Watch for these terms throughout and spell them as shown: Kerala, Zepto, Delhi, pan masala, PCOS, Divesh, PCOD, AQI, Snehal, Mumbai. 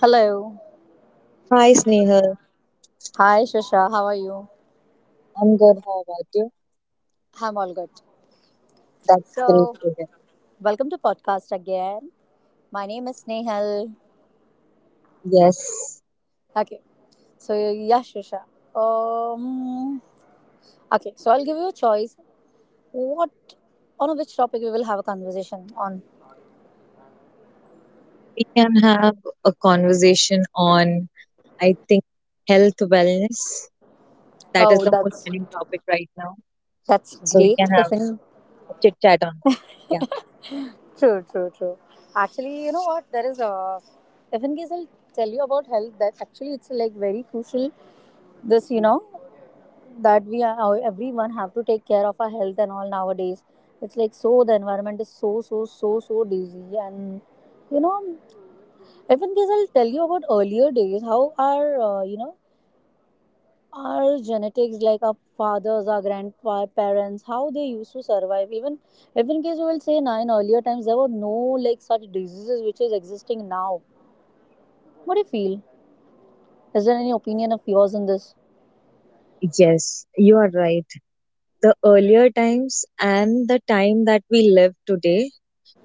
Hello. Hi, Snehal. Hi, Shasha. How are you? I'm good. How about you? I'm all good. That's great So, to hear. welcome to podcast again. My name is Snehal. Yes, Okay. So, yeah, Shasha. Um, okay. So, I'll give you a choice. What on which topic we will have a conversation on? we can have a conversation on, I think, health wellness. That is Oh, the most that's trending topic right now. that's So we great. can have If in a chit chat on that. Yeah. True, true, true. Actually, you know what? There is a If in case I'll tell you about health. That actually it's like very crucial this you know that we are how everyone have to take care of our health and all nowadays it's like so the environment is so so so so dizzy and you know even guys I'll tell you about earlier days how our you know our genetics like our fathers our grandparents how they used to survive even even guys we will say now in earlier times there were no like such diseases which is existing now. What do you feel? Is there any opinion of yours in this? Yes, you are right. The earlier times and the time that we live today,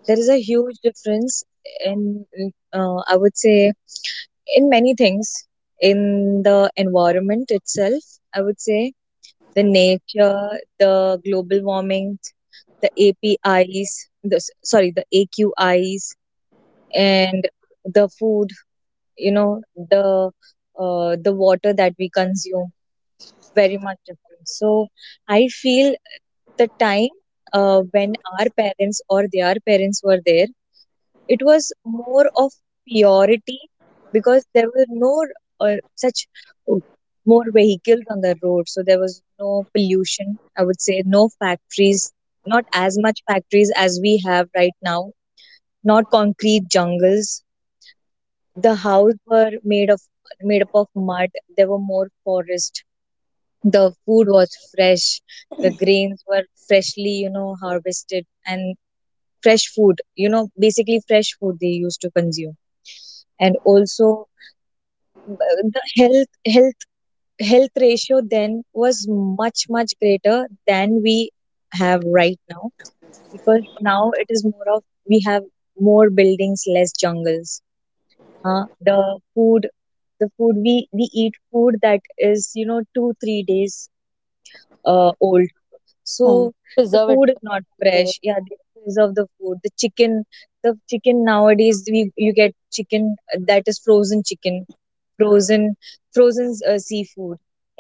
there is a huge difference in, I would say, in many things, in the environment itself, I would say. The nature, the global warming, the APIs, the, sorry, the AQIs, and the food, you know, the water that we consume very much different. So I feel the time when our parents or their parents were there, it was more of purity because there were no such uh, more vehicles on the road, so there was no pollution, I would say. No factories, not as much factories as we have right now, not concrete jungles. The houses were made of, made up of mud. There were more forest, the food was fresh, the grains were freshly, you know, harvested, and fresh food, you know, basically fresh food they used to consume. And also the health ratio then was much much greater than we have right now, because now it is more of, we have more buildings, less jungles, huh? The food, the food we eat food that is, you know, 2-3 days old. Hmm. So the food Preservative, is not I would say. fresh. Yeah, they preserve the food. The chicken nowadays we, you get chicken that is frozen chicken, frozen frozen seafood.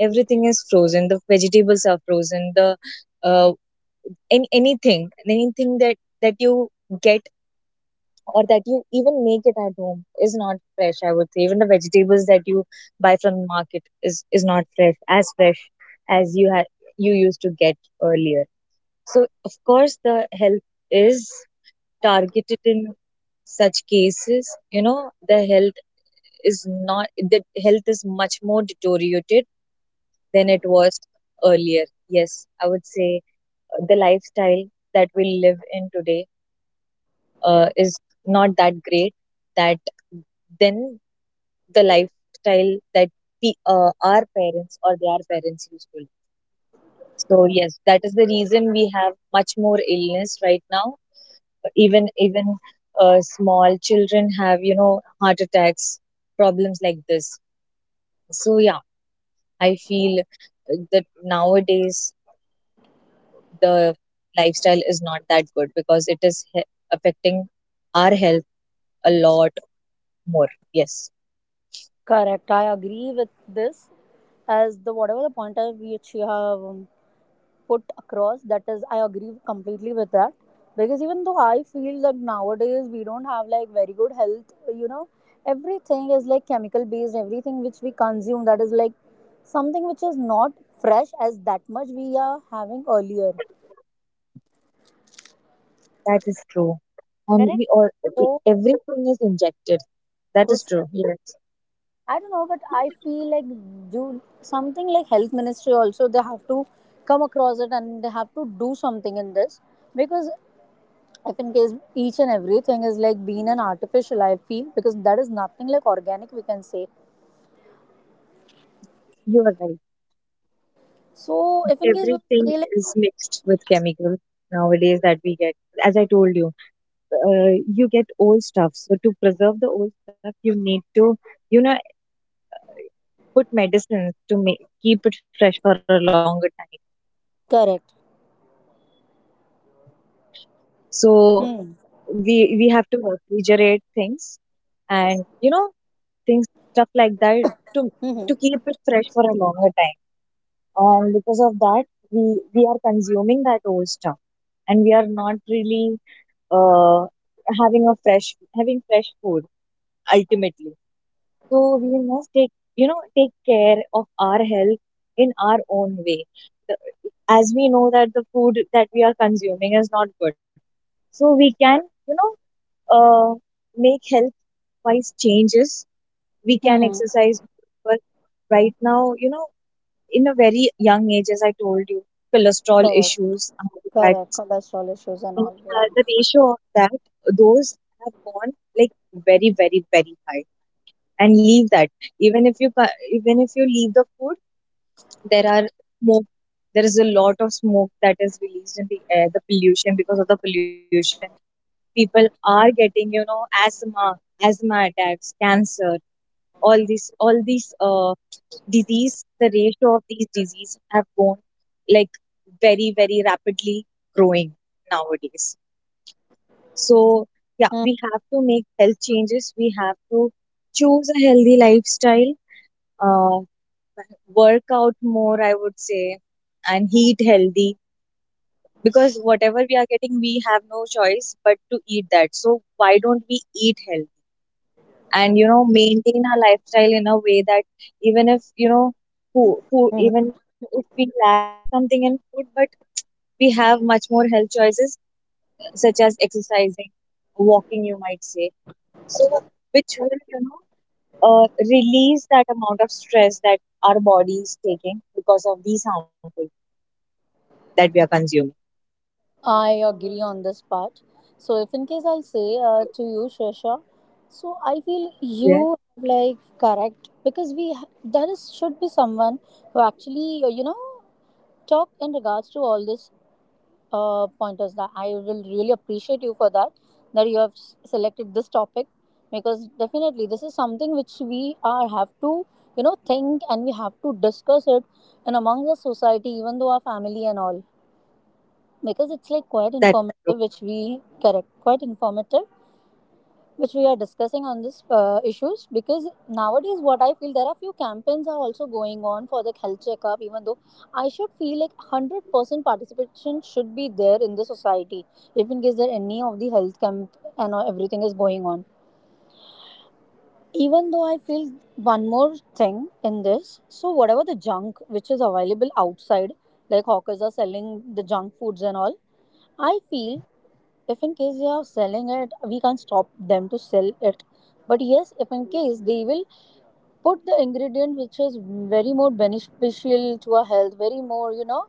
Everything is frozen. The vegetables are frozen. The uh, anything that that you get, or that you even make it at home, is not fresh. I would say even the vegetables that you buy from the market is not fresh, as fresh as you had, you used to get earlier. So, of course, the help is targeted in such cases. You know, the health is not, the health is much more deteriorated than it was earlier. Yes, I would say the lifestyle that we live in today is not that great that then the lifestyle that we, our parents or their parents used to live. So, yes, that is the reason we have much more illness right now. Even small children have, you know, heart attacks, problems like this. So yeah, I feel that nowadays the lifestyle is not that good because it is affecting our health a lot more. Yes. Correct. I agree with this. As the whatever the point of which you have put across, that is, I agree completely with that. Because even though I feel that nowadays we don't have like very good health, you know, everything is like chemical based. Everything which we consume that is like something which is not fresh as that much we are having earlier. That is true. And Correct. we all, So everything is injected. That so is true. Yes. I don't know, but I feel like do something like health ministry also they have to come across it and they have to do something in this, because if in case each and everything is like being an artificial, I feel because that is nothing like organic we can say. You are right. So if in case we Everything say like is mixed with chemicals nowadays that we get. As I told you, uh, you get old stuff, so to preserve the old stuff you need to, you know, put medicines to make, keep it fresh for a longer time. correct. So Hmm. we we have to refrigerate things and, you know, things, stuff like that, to to Mm-hmm. keep it fresh for a longer time. And because of that, we we are consuming that old stuff and we are not really uh, having a fresh, having fresh food ultimately. So we must take, you know, take care of our health in our own way. The, as we know that the food that we are consuming is not good, so we can, you know, uh, make health-wise changes. We can Mm-hmm. exercise, but right now, you know, in a very young age, as I told you, cholesterol Correct. issues, heart Correct, attacks, cholesterol issues and and, all, yeah. the ratio of that, those have gone like very, very, very high. And leave that, even if you even if you leave the food, there are smoke, there is a lot of smoke that is released in the air, the pollution. Because of the pollution, people are getting, you know, asthma, asthma attacks, cancer, all these, all these disease. The ratio of these disease have gone like very very rapidly growing nowadays. So yeah, Hmm. we have to make health changes, we have to choose a healthy lifestyle, uh, work out more, I would say, and eat healthy, because whatever we are getting we have no choice but to eat that, so why don't we eat healthy and, you know, maintain our lifestyle in a way that, even if, you know, who Mm-hmm. even if we lack something in food, but we have much more health choices, such as exercising, walking, you might say. So which will, you know, release that amount of stress that our body is taking because of these harmful that we are consuming. I agree on this part. So, if in case I'll say to you, Shresha, so I feel Yeah, you have, like correct, because there is should be someone who actually you know talk in regards to all this pointers. That I will really appreciate you for that, that you have selected this topic, because definitely this is something which we are have to you know think and we have to discuss it, and amongst the society even though our family and all, because it's like quite that is true. informative which we correct, quite informative which we are discussing on this issues. Because nowadays what I feel, there are few campaigns are also going on for the health checkup. Even though I should feel like 100% participation should be there in the society if in case there any of the health camp and all, everything is going on. Even though I feel one more thing in this, so whatever the junk which is available outside, like hawkers are selling the junk foods and all, I feel if in case they are selling it we can't stop them to sell it. But yes, if in case they will put the ingredient which is very more beneficial to our health, very more you know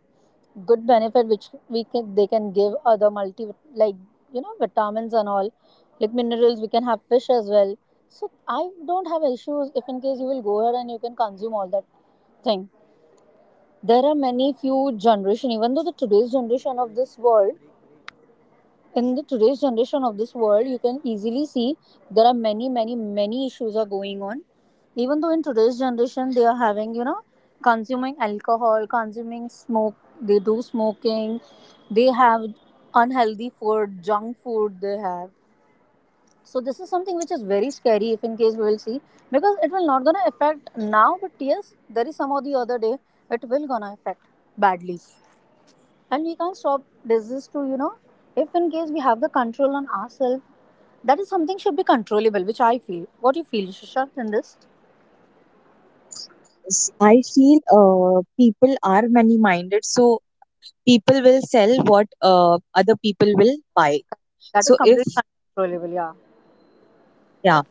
good benefit which we can they can give other multi, like you know vitamins and all, like minerals, we can have fish as well. So I don't have issues if in case you will go ahead and you can consume all that thing. There are many few generation, even though the today's generation of this world, in the today's generation of this world you can easily see there are many issues are going on. Even though in today's generation they are having you know consuming alcohol, consuming smoke, they do smoking, they have unhealthy food, junk food they have. So this is something which is very scary if in case we will see, because it will not gonna affect now, but yes there is some or the other day it will gonna affect badly. And we can't stop disease to you know, if in case we have the control on ourselves, that is something should be controllable, which I feel. What do you feel, Shashank, in this? Yes, I feel people are many minded, so people will sell what other people will buy. That is So if, completely uncontrollable, yeah. yeah,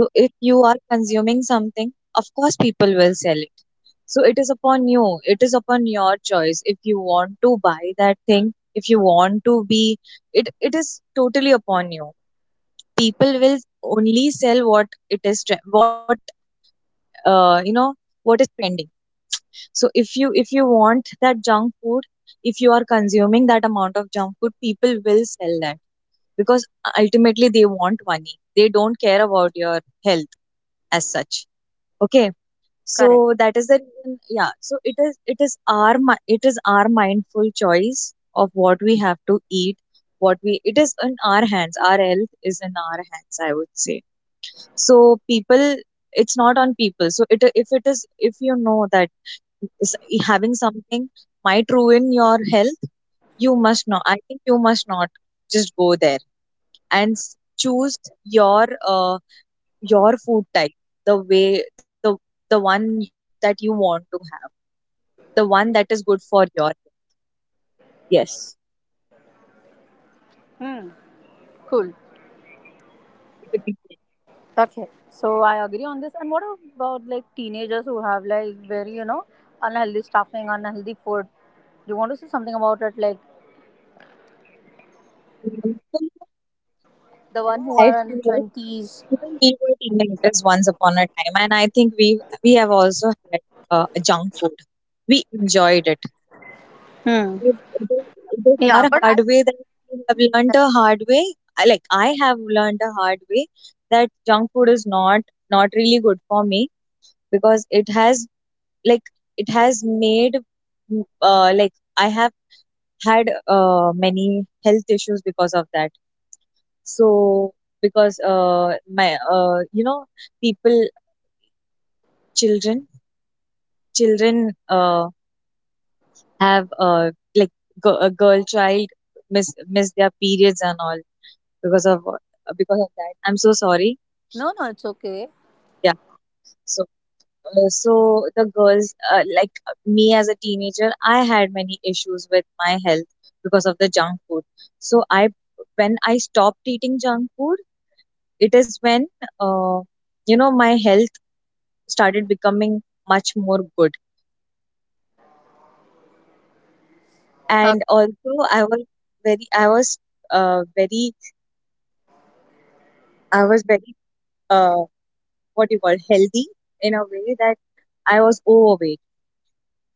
so if you are consuming something, of course people will sell it. So it is upon you. It is upon your choice. If you want to buy that thing, if you want to be, it is totally upon you. People will only sell what it is, what you know, what is trending. So if you, if you want that junk food, if you are consuming that amount of junk food, people will sell that, because ultimately they want money, they don't care about your health as such, okay? So Correct. that is the reason, yeah. So it is, it is our it is our mindful choice of what we have to eat, what we, it is in our hands, our health is in our hands, I would say. So people, it's not on people. So it, if it is, if you know that s- having something might ruin your health, you must not, I think you must not just go there and choose your uh, your food type, the way, the the one that you want to have, the one that is good for your health. Yes, Hmm. Cool. it would be great. Okay, so I agree on this. And what about like teenagers who have like very you know unhealthy stuffing, unhealthy food, do you want to say something about it, like And even the one who what I are in feel is, 20s? even we were teenagers once upon a time, and I think we have also had junk food, we enjoyed it. Hmm. It is, it is Yeah, our but I hard way that we have learned a hard way. Like I have learned a hard way that junk food is not really good for me, because it has, like, it has made, like, I have had many health issues because of that. So because my you know, people, children children uh, have, like, a girl child, miss miss their periods and all, because of because of that, I'm so sorry. no no it's okay. Yeah, so, so the girls, like, me as a teenager, I had many issues with my health because of the junk food. So I, when I stopped eating junk food, it is when, uh, you know, my health started becoming much more good. And also I was very, I was very, I was very, uh, what do you call, healthy in a way that I was overweight.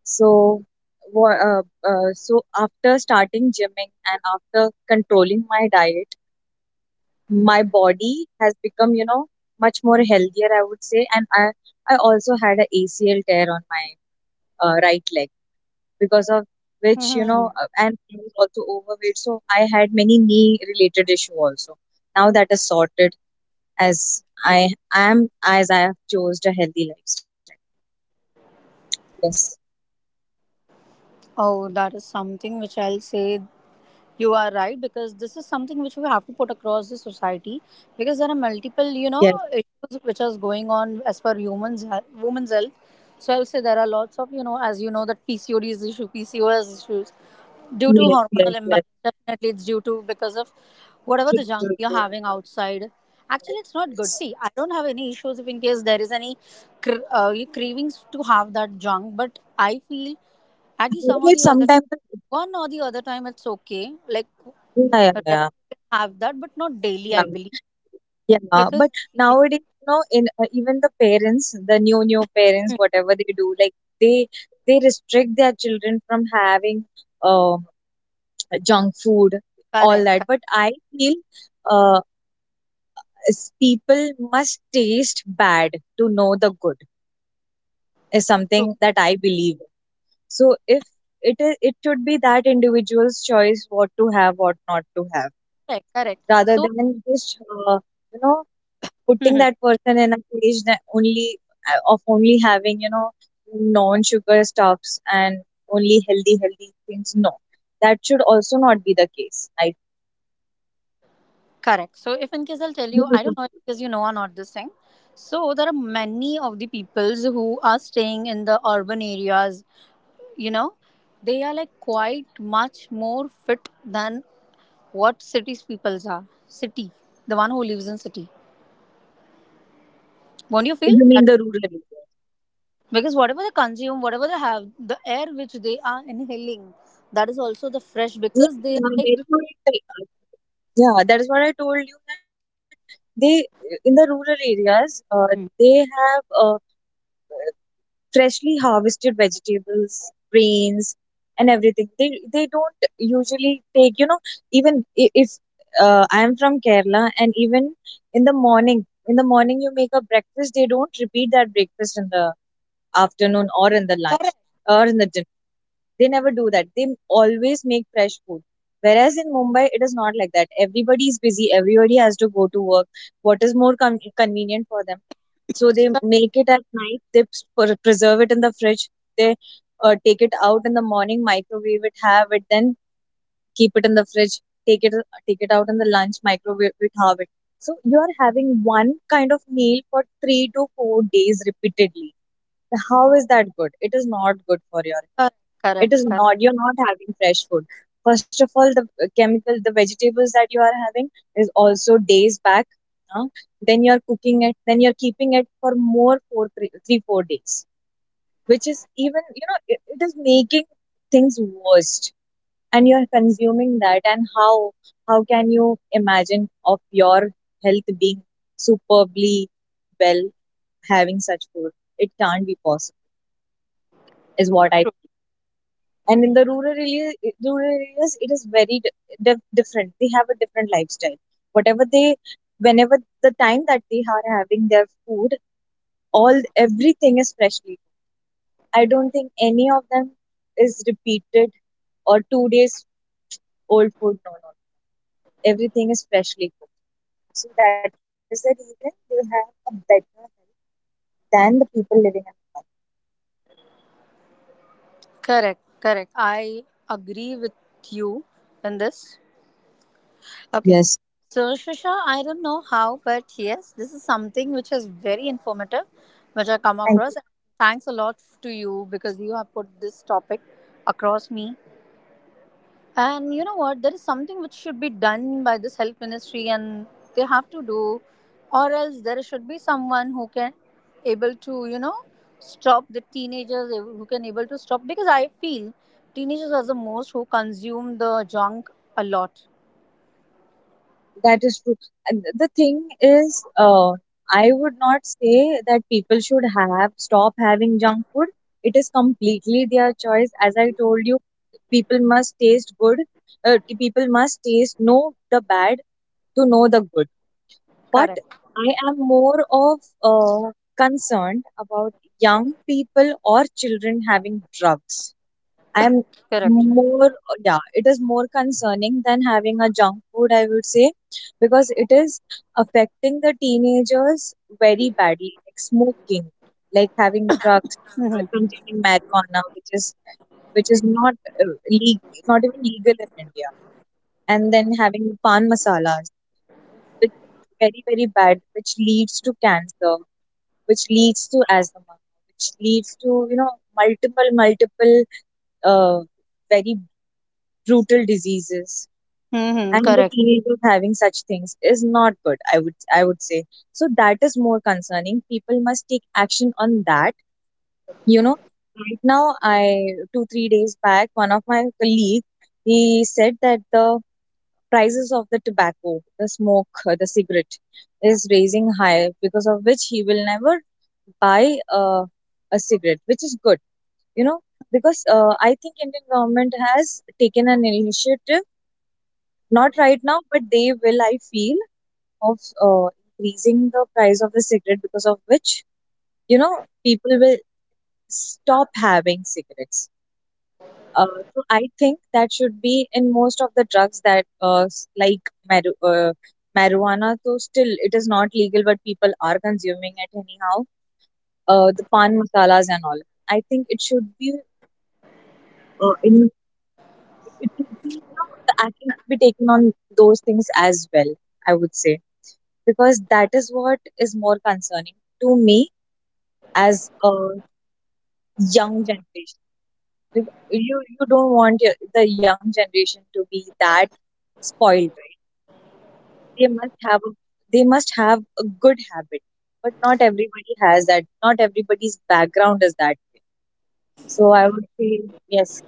So, wha- uh, so after starting gymming and after controlling my diet, my body has become, you know, much more healthier, I would say. And I also had a ACL tear on my right leg, because of which, you know, Okay. And I was also overweight. So I had many knee related issue also. Now that is sorted, as I am, as I have chose a healthy lifestyle. Yes. Oh, that is something which I'll say you are right, because this is something which we have to put across the society, because there are multiple you Yes. know issues which are going on as per humans women's health. So I'll say there are lots of you know, as you know that PCOD is issue, PCOS issues due to Yes. Yes. hormonal Yes. imbalance. Definitely, it's due to because of whatever the True. junk True. you're True. having outside. Actually, it's not good. Yes. See, I don't have any issues if in case there is any cravings to have that junk, but I feel at the some or It the other sometimes, one or the other time it's okay. Like yeah, yeah, rare you yeah, can have that, but not daily, yeah, I believe. yeah. Because But I feel nowadays, you know, in even the parents, the new parents, hmm, whatever they do, like, they they restrict their children from having um junk food, all correct, that. correct, But I feel uh people must taste bad to know the good, is true, something that I believe. So if it is, it should be that individual's choice, what to have, what not to have, correct, correct. rather So than just, uh, you know, putting hmm, that person in a cage, that only of only having, you know, non-sugar stuffs and only healthy things, no, that should also not be the case. I, correct. So if in case I'll tell you you, I don't know if because you know or not this thing. So there are many of the peoples who are staying in the urban areas. You know, they are like yeah, quite much more fit than what cities peoples are. City, the one who lives in city. Won't you feel you mean that? the rural area? Because whatever they consume, whatever they have, the air which they are inhaling, that is also the fresh Yeah, because they are that like is what I tell- yeah, that is what I told you, that they, in the rural areas, they mm, have freshly harvested vegetables, grains, and everything. They don't usually take, you know, even if, I am from Kerala, and even in the morning, in the morning, you make a breakfast, they don't repeat that breakfast in the afternoon, or in the lunch, correct, or in the dinner. They never do that. They always make fresh food. Whereas in Mumbai, it is not like that. Everybody is busy. Everybody has to go to work. What is more convenient for them? So they correct, make it at night, they preserve it in the fridge, they take it out in the morning, microwave it, have it, then keep it in the fridge, take it take it out in the lunch, microwave it, have it. So you are having one kind of meal for 3 to 4 days repeatedly. How is that good? It is not good for your correct, it correct, is correct, not you're not having fresh food. First of all, the chemical the vegetables that you are having is also days back, huh? Then you're cooking it, then you're keeping it for more 3 4 days, which is even, it is making things worst, and you're consuming that. And how can you imagine of your health being superbly well having such food? It can't be possible is what I true, and in the rural areas, rural areas, it is very different. They have a different lifestyle. Whatever they Whenever the time that they are having their food, all everything is freshly cooked. I don't think any of them is repeated or 2 days old food. No, no, everything is freshly cooked. So that is the reason they have a better health than the people living in the correct, correct. I agree with you in this. country. Okay. Yes. So Shusha, I don't know how, but yes, this is something which is very informative, which I come Thank you. across. Thanks a lot to you because you have put this topic across me. And you know what? There is something which should be done by this health ministry, and they have to do, or else there should be someone who can able to you know stop the teenagers who can able to stop, because I feel teenagers are the most who consume the junk a lot. That is true. And the thing is, I would not say that people should have stop having junk food. It is completely their choice. As I told you, people must taste good. People must taste know the bad to know the good. But Correct. I am more of concerned about young people or children having drugs. I'm Correct. more, yeah, it is more concerning than having a junk food, I would say, because it is affecting the teenagers very badly, like smoking, like having drugs, Mm-hmm. consuming marijuana, which is which is not uh, leg not even legal in India, and then having pan masalas, which is very very bad, which leads to cancer, which leads to asthma, which leads to, you know, multiple uh, very brutal diseases. Mm-hmm. And the Correct. teenagers having such things is not good, I would say. So that is more concerning. People must take action on that, you know, right now. I two Three days back, one of my colleague, he said that the prices of the tobacco, the smoke, the cigarette is raising high, because of which he will never buy a cigarette, which is good, you know, because I think indian government has taken an initiative. Not right now, but they will, I feel, of uh, increasing the price of the cigarette, because of which, you know, people will stop having cigarettes. Uh, so I think that should be in most of the drugs that, like maru marijuana, though still it is not legal, but people are consuming it anyhow. The pan masalas and all. I think it should be in it should be, you know, the action should be taken on those things as well, I would say. Because that is what is more concerning to me as a young generation. You don't want your, the young generation to be that spoiled, right? They must have a, they must have a good habit, but not everybody has that. Not everybody's background is that way. So I would say yes,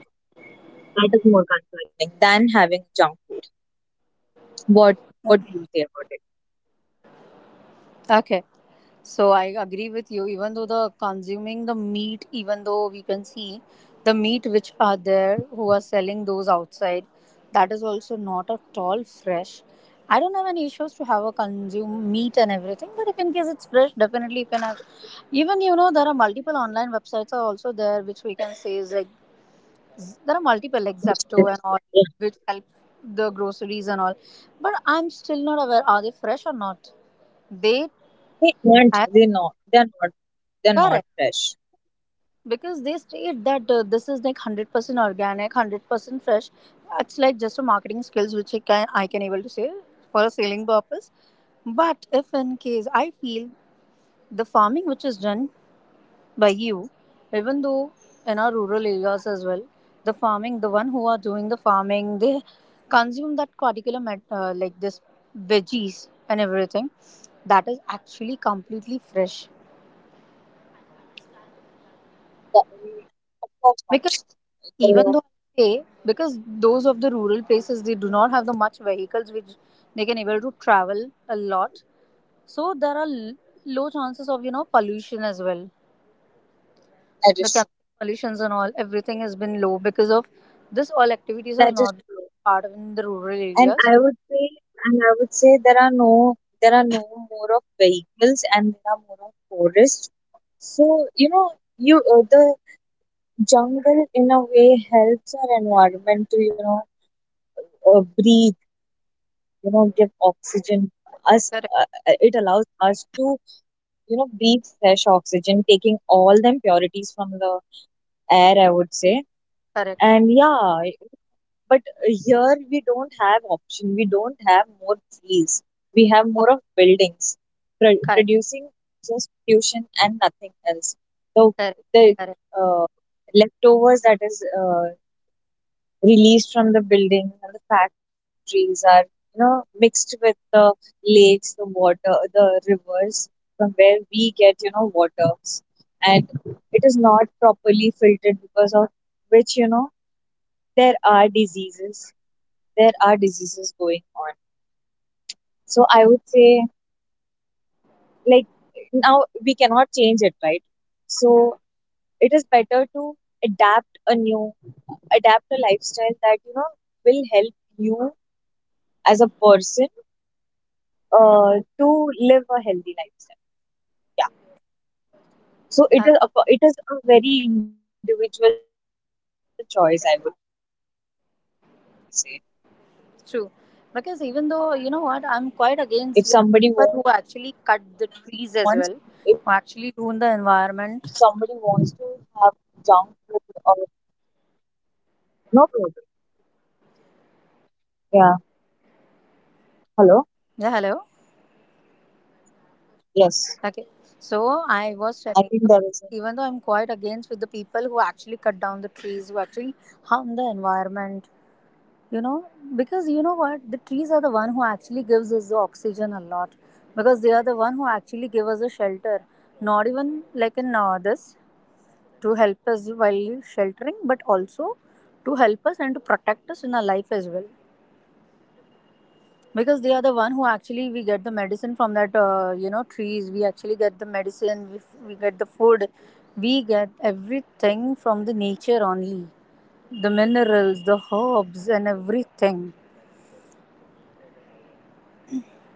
that is more concerning than having junk food. What what do you say about it? Okay. So I agree with you. Even though the consuming the meat, even though we can see the meat which are there who are selling those outside, that is also not at all fresh. I don't have any issues to have a consume meat and everything, but if in case it's fresh, definitely you can have. Even you know there are multiple online websites are also there which we can say is like there are multiple like Which is- Zepto and all yeah, which help the groceries and all, but I'm still not aware are they fresh or not. They they aren't. are They not. They're not. They're not correct. fresh. Because they state that this is like 100% organic, 100% fresh, that's like just a marketing skills which I can I can able to say for a selling purpose. But if in case I feel the farming which is done by you, even though in our rural areas as well, the farming, the one who are doing the farming they consume that particular like this veggies and everything, that is actually completely fresh. The- Of course not. Even No, though I say because those of the rural places they do not have the much vehicles which they can able to travel a lot, so there are low chances of you know pollution as well. that The is true. chemical pollutions and all everything has been low because of this all activities are That is not true. part of in the rural And areas. I would say, and I would say there are there are no more of vehicles, and there are more of forests. So, you know, you, the jungle in a way helps our environment to, you know, breathe, you know, give oxygen us. Correct. It allows us to, you know, breathe fresh oxygen, taking all the impurities from the air, I would say. Correct. And yeah, but here we don't have option, we don't have more trees, we have Oh, more of buildings correct, producing just pollution and nothing else. So correct, the correct. uh, leftovers that is released from the buildings and the factories are, you know, mixed with the lakes, the water, the rivers, from where we get, you know, water, and it is not properly filtered, because of which, you know, there are diseases, there are diseases going on. So I would say, like, now we cannot change it, right? So it is better to adapt a new, adapt a lifestyle that, you know, will help you as a person uh, to live a healthy lifestyle. Yeah. So Ah, it is a very individual choice, I would say. If somebody wants, if somebody wants to have true. junk food Because or, even though you know yeah, what, I'm quite against with people who actually cut the trees as well, who actually ruin the no problem. environment. Yeah. Hello. Hello. Yeah, hello. Yes. Okay, so I was I telling think you, there is even though I'm quite against with the people who actually cut down the trees, who actually harm the environment, you know, because you know what, the trees are the one who actually gives us the oxygen a lot, because they are the one who actually give us a shelter, not even like in this to help us while sheltering, but also to help us and to protect that us in is our true. life as well. You're right. Because they are the one who So actually people we have get the cut medicine down from that trees, because of you know which, trees we you actually get know, the medicine, we get the environment food, issue, we the get pollution is everything from increasing. the There nature is only, more of the minerals, the impurities herbs in and air. everything. As if you just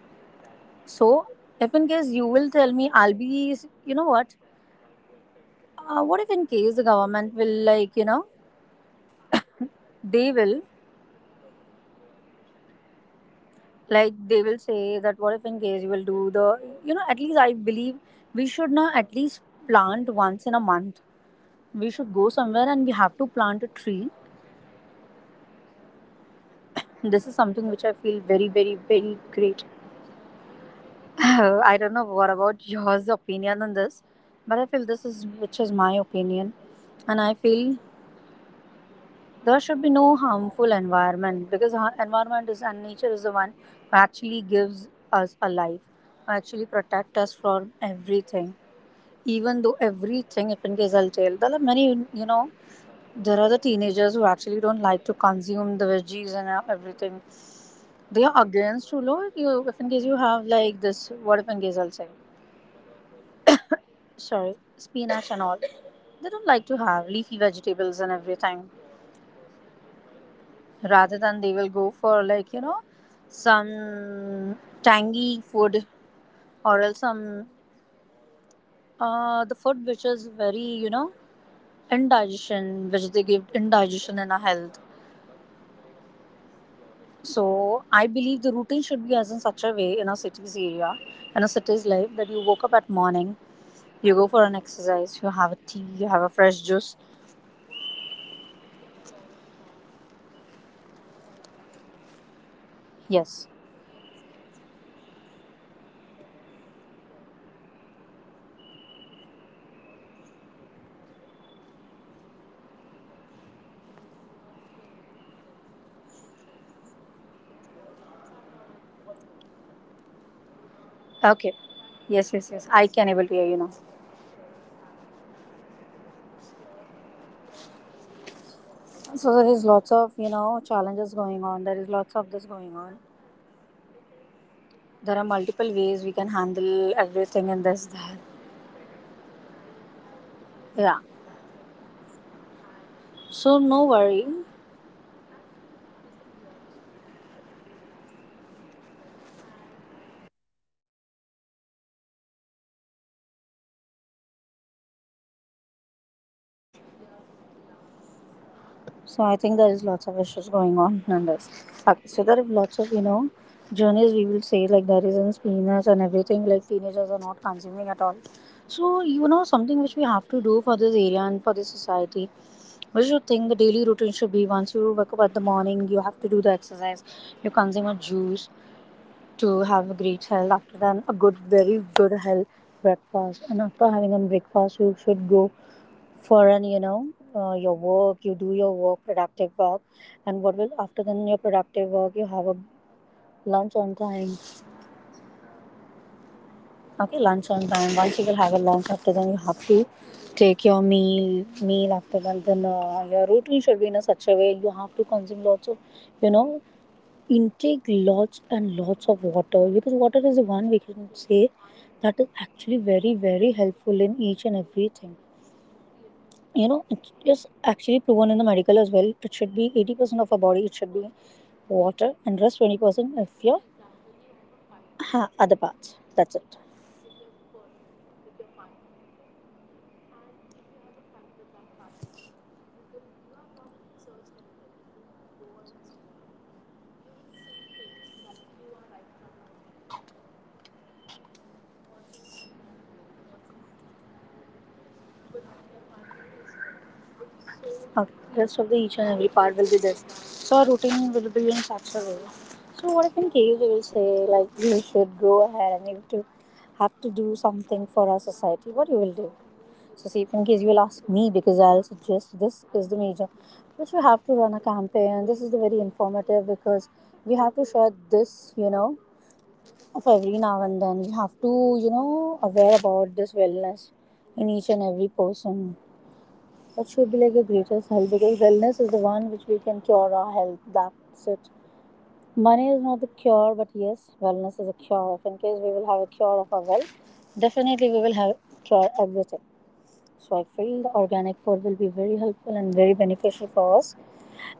check the So AQI if in of case you will tell me, I'll what you be call you know Delhi, oh my God, you what cannot if in see case the government will people's faces. There is so much of fog, they will which is not good. People are inhaling that, and they will god say knows that what how if in many case you will do impurities the are there you in, know at least I believe and we should now at least inhaling plant that, they once in a are month, having we should go lungs somewhere and we issues, have to god plant a knows what tree. issues, coughing everything, every all sort This is of something which I feel very, diseases very, are there very in delhi great. right now. Mumbai as of now, I don't know what it about does yours not have opinion on this, that but I much, feel this is which is that my level of opinion, uh, and I problem, feel but yeah, it is there should be problematic no now harmful also, environment because because in the environment morning is and also, you know, nature is the one who few days actually back my gives face us was a life, filled with who actually pimples. protect us from Now that I'm taking everything. care, I'm wearing Even though proper mask, everything, if in case I'm I'll not tell, there are many, uh, like I'm there are the allergic to teenagers who death actually dust, don't like to because of which consume the I was veggies and facing all these everything. issues. They are But yeah, against to low. now You, I'm if in taking case good you care, have like like this, what if face in case I'll say, washing my face regularly, sorry, like spinach in and all, they don't in like to very have small leafy intervals, vegetables that and has everything. helped me, because the air that I my Rather skin than they will has go a for direct contact with the air, because some of which tangy I food had these or problems. else But now some that I'm taking care of, I'm wearing a the proper food which mask, is I'm very eating good, the pimples have indigestion, which they give reduced, indigestion in our health. and it is almost in the way of So I going. believe the routine should be as in such a So, way in a city's area, in a choosing city's a life that you healthy woke up at lifestyle morning, is the you go key for an of exercise, you good have a health, tea, you good have a fresh looks, juice. and what else? And everything, I would say. What are your thoughts on it? Yes. Hello? Hello? Okay. Yes, yes, yes. I can able to hear you now. So there is lots of, you know, challenges going on. There is lots of this going on. There are multiple ways we can handle everything and this that. Yeah. So no worry. So I think there is lots of issues going on and this. Okay, so there are lots of journeys we will say, like there is in spinach and everything, like teenagers are not consuming at all. So you know something which we have to do for this area and for this society. We should think the daily routine should be once you wake up at the morning you have to do the exercise. You consume a juice to have a great health. After that a good very good health breakfast, and after having a breakfast you should go for an your work, you do your work, productive work. And what will after then your productive work you have a lunch on time. Okay, lunch on time. Once you will have a lunch after then you have to take your meal after then your routine should be in a such a way, you have to consume lots of, you know intake lots and lots of water, because water is the one we can say that is actually very, very helpful in each and everything. You know, it is actually proven in the medical as well, it should be 80% of our body, it should be water and rest 20% if your other parts, that's it. Okay, rest of the each and every part will be this. So our routine will be in such a way. So what if in case we will say like you should go ahead and you have to do something for our society. What you will do? So, see, if in case you will ask me, because I'll suggest this is the major, which we have to run a campaign. This is the very informative because we have to share this, you know, of every now and then. We have to, you know, aware about this wellness in each and every person. That should be like the greatest help because wellness is the one which we can cure our health. That's it. Money is not the cure, but yes, wellness is a cure. If in case we will have a cure of our wealth, definitely we will have cure everything. So I feel the organic food will be very helpful and very beneficial for us.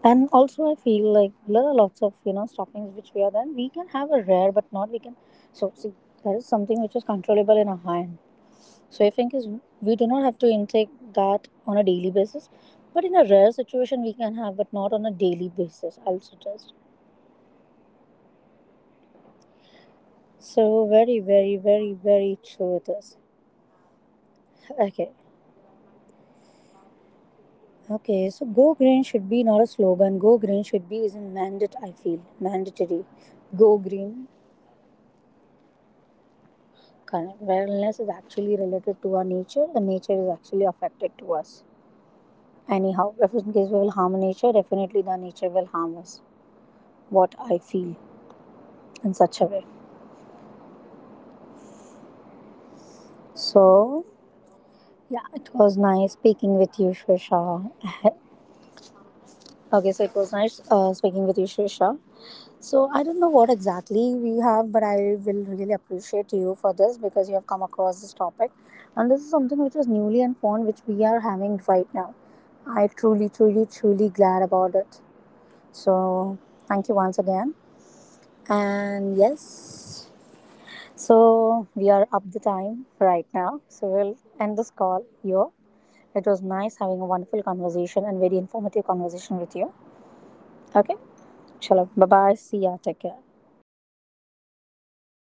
And also I feel like there are lots of, stuffings which we are then we can have a rare but not we can. So see, that is something which is controllable in our hand. So I think is we do not have to intake that on a daily basis, but in a rare situation we can have, but not on a daily basis, I'll suggest. So very, very, very, very true it is. Okay, okay, so go green should be not a slogan. Go green should be is a mandate, I feel, mandatory. Go green. Correct. Wellness is actually related to our nature, and nature is actually affected to us. Anyhow, if in case we will harm nature, definitely the nature will harm us. What I feel in such a way. So yeah, it was nice speaking with you, Shrisha. Okay, so it was nice speaking with you, Shrisha. So I don't know what exactly we have, but I will really appreciate you for this because you have come across this topic, and this is something which was newly and fond which we are having right now. I truly, truly, truly glad about it. So thank you once again, and yes, so we are up the time right now. So we'll end this call here. It was nice having a wonderful conversation and very informative conversation with you. Okay, chalo, bye bye. See ya. Take care.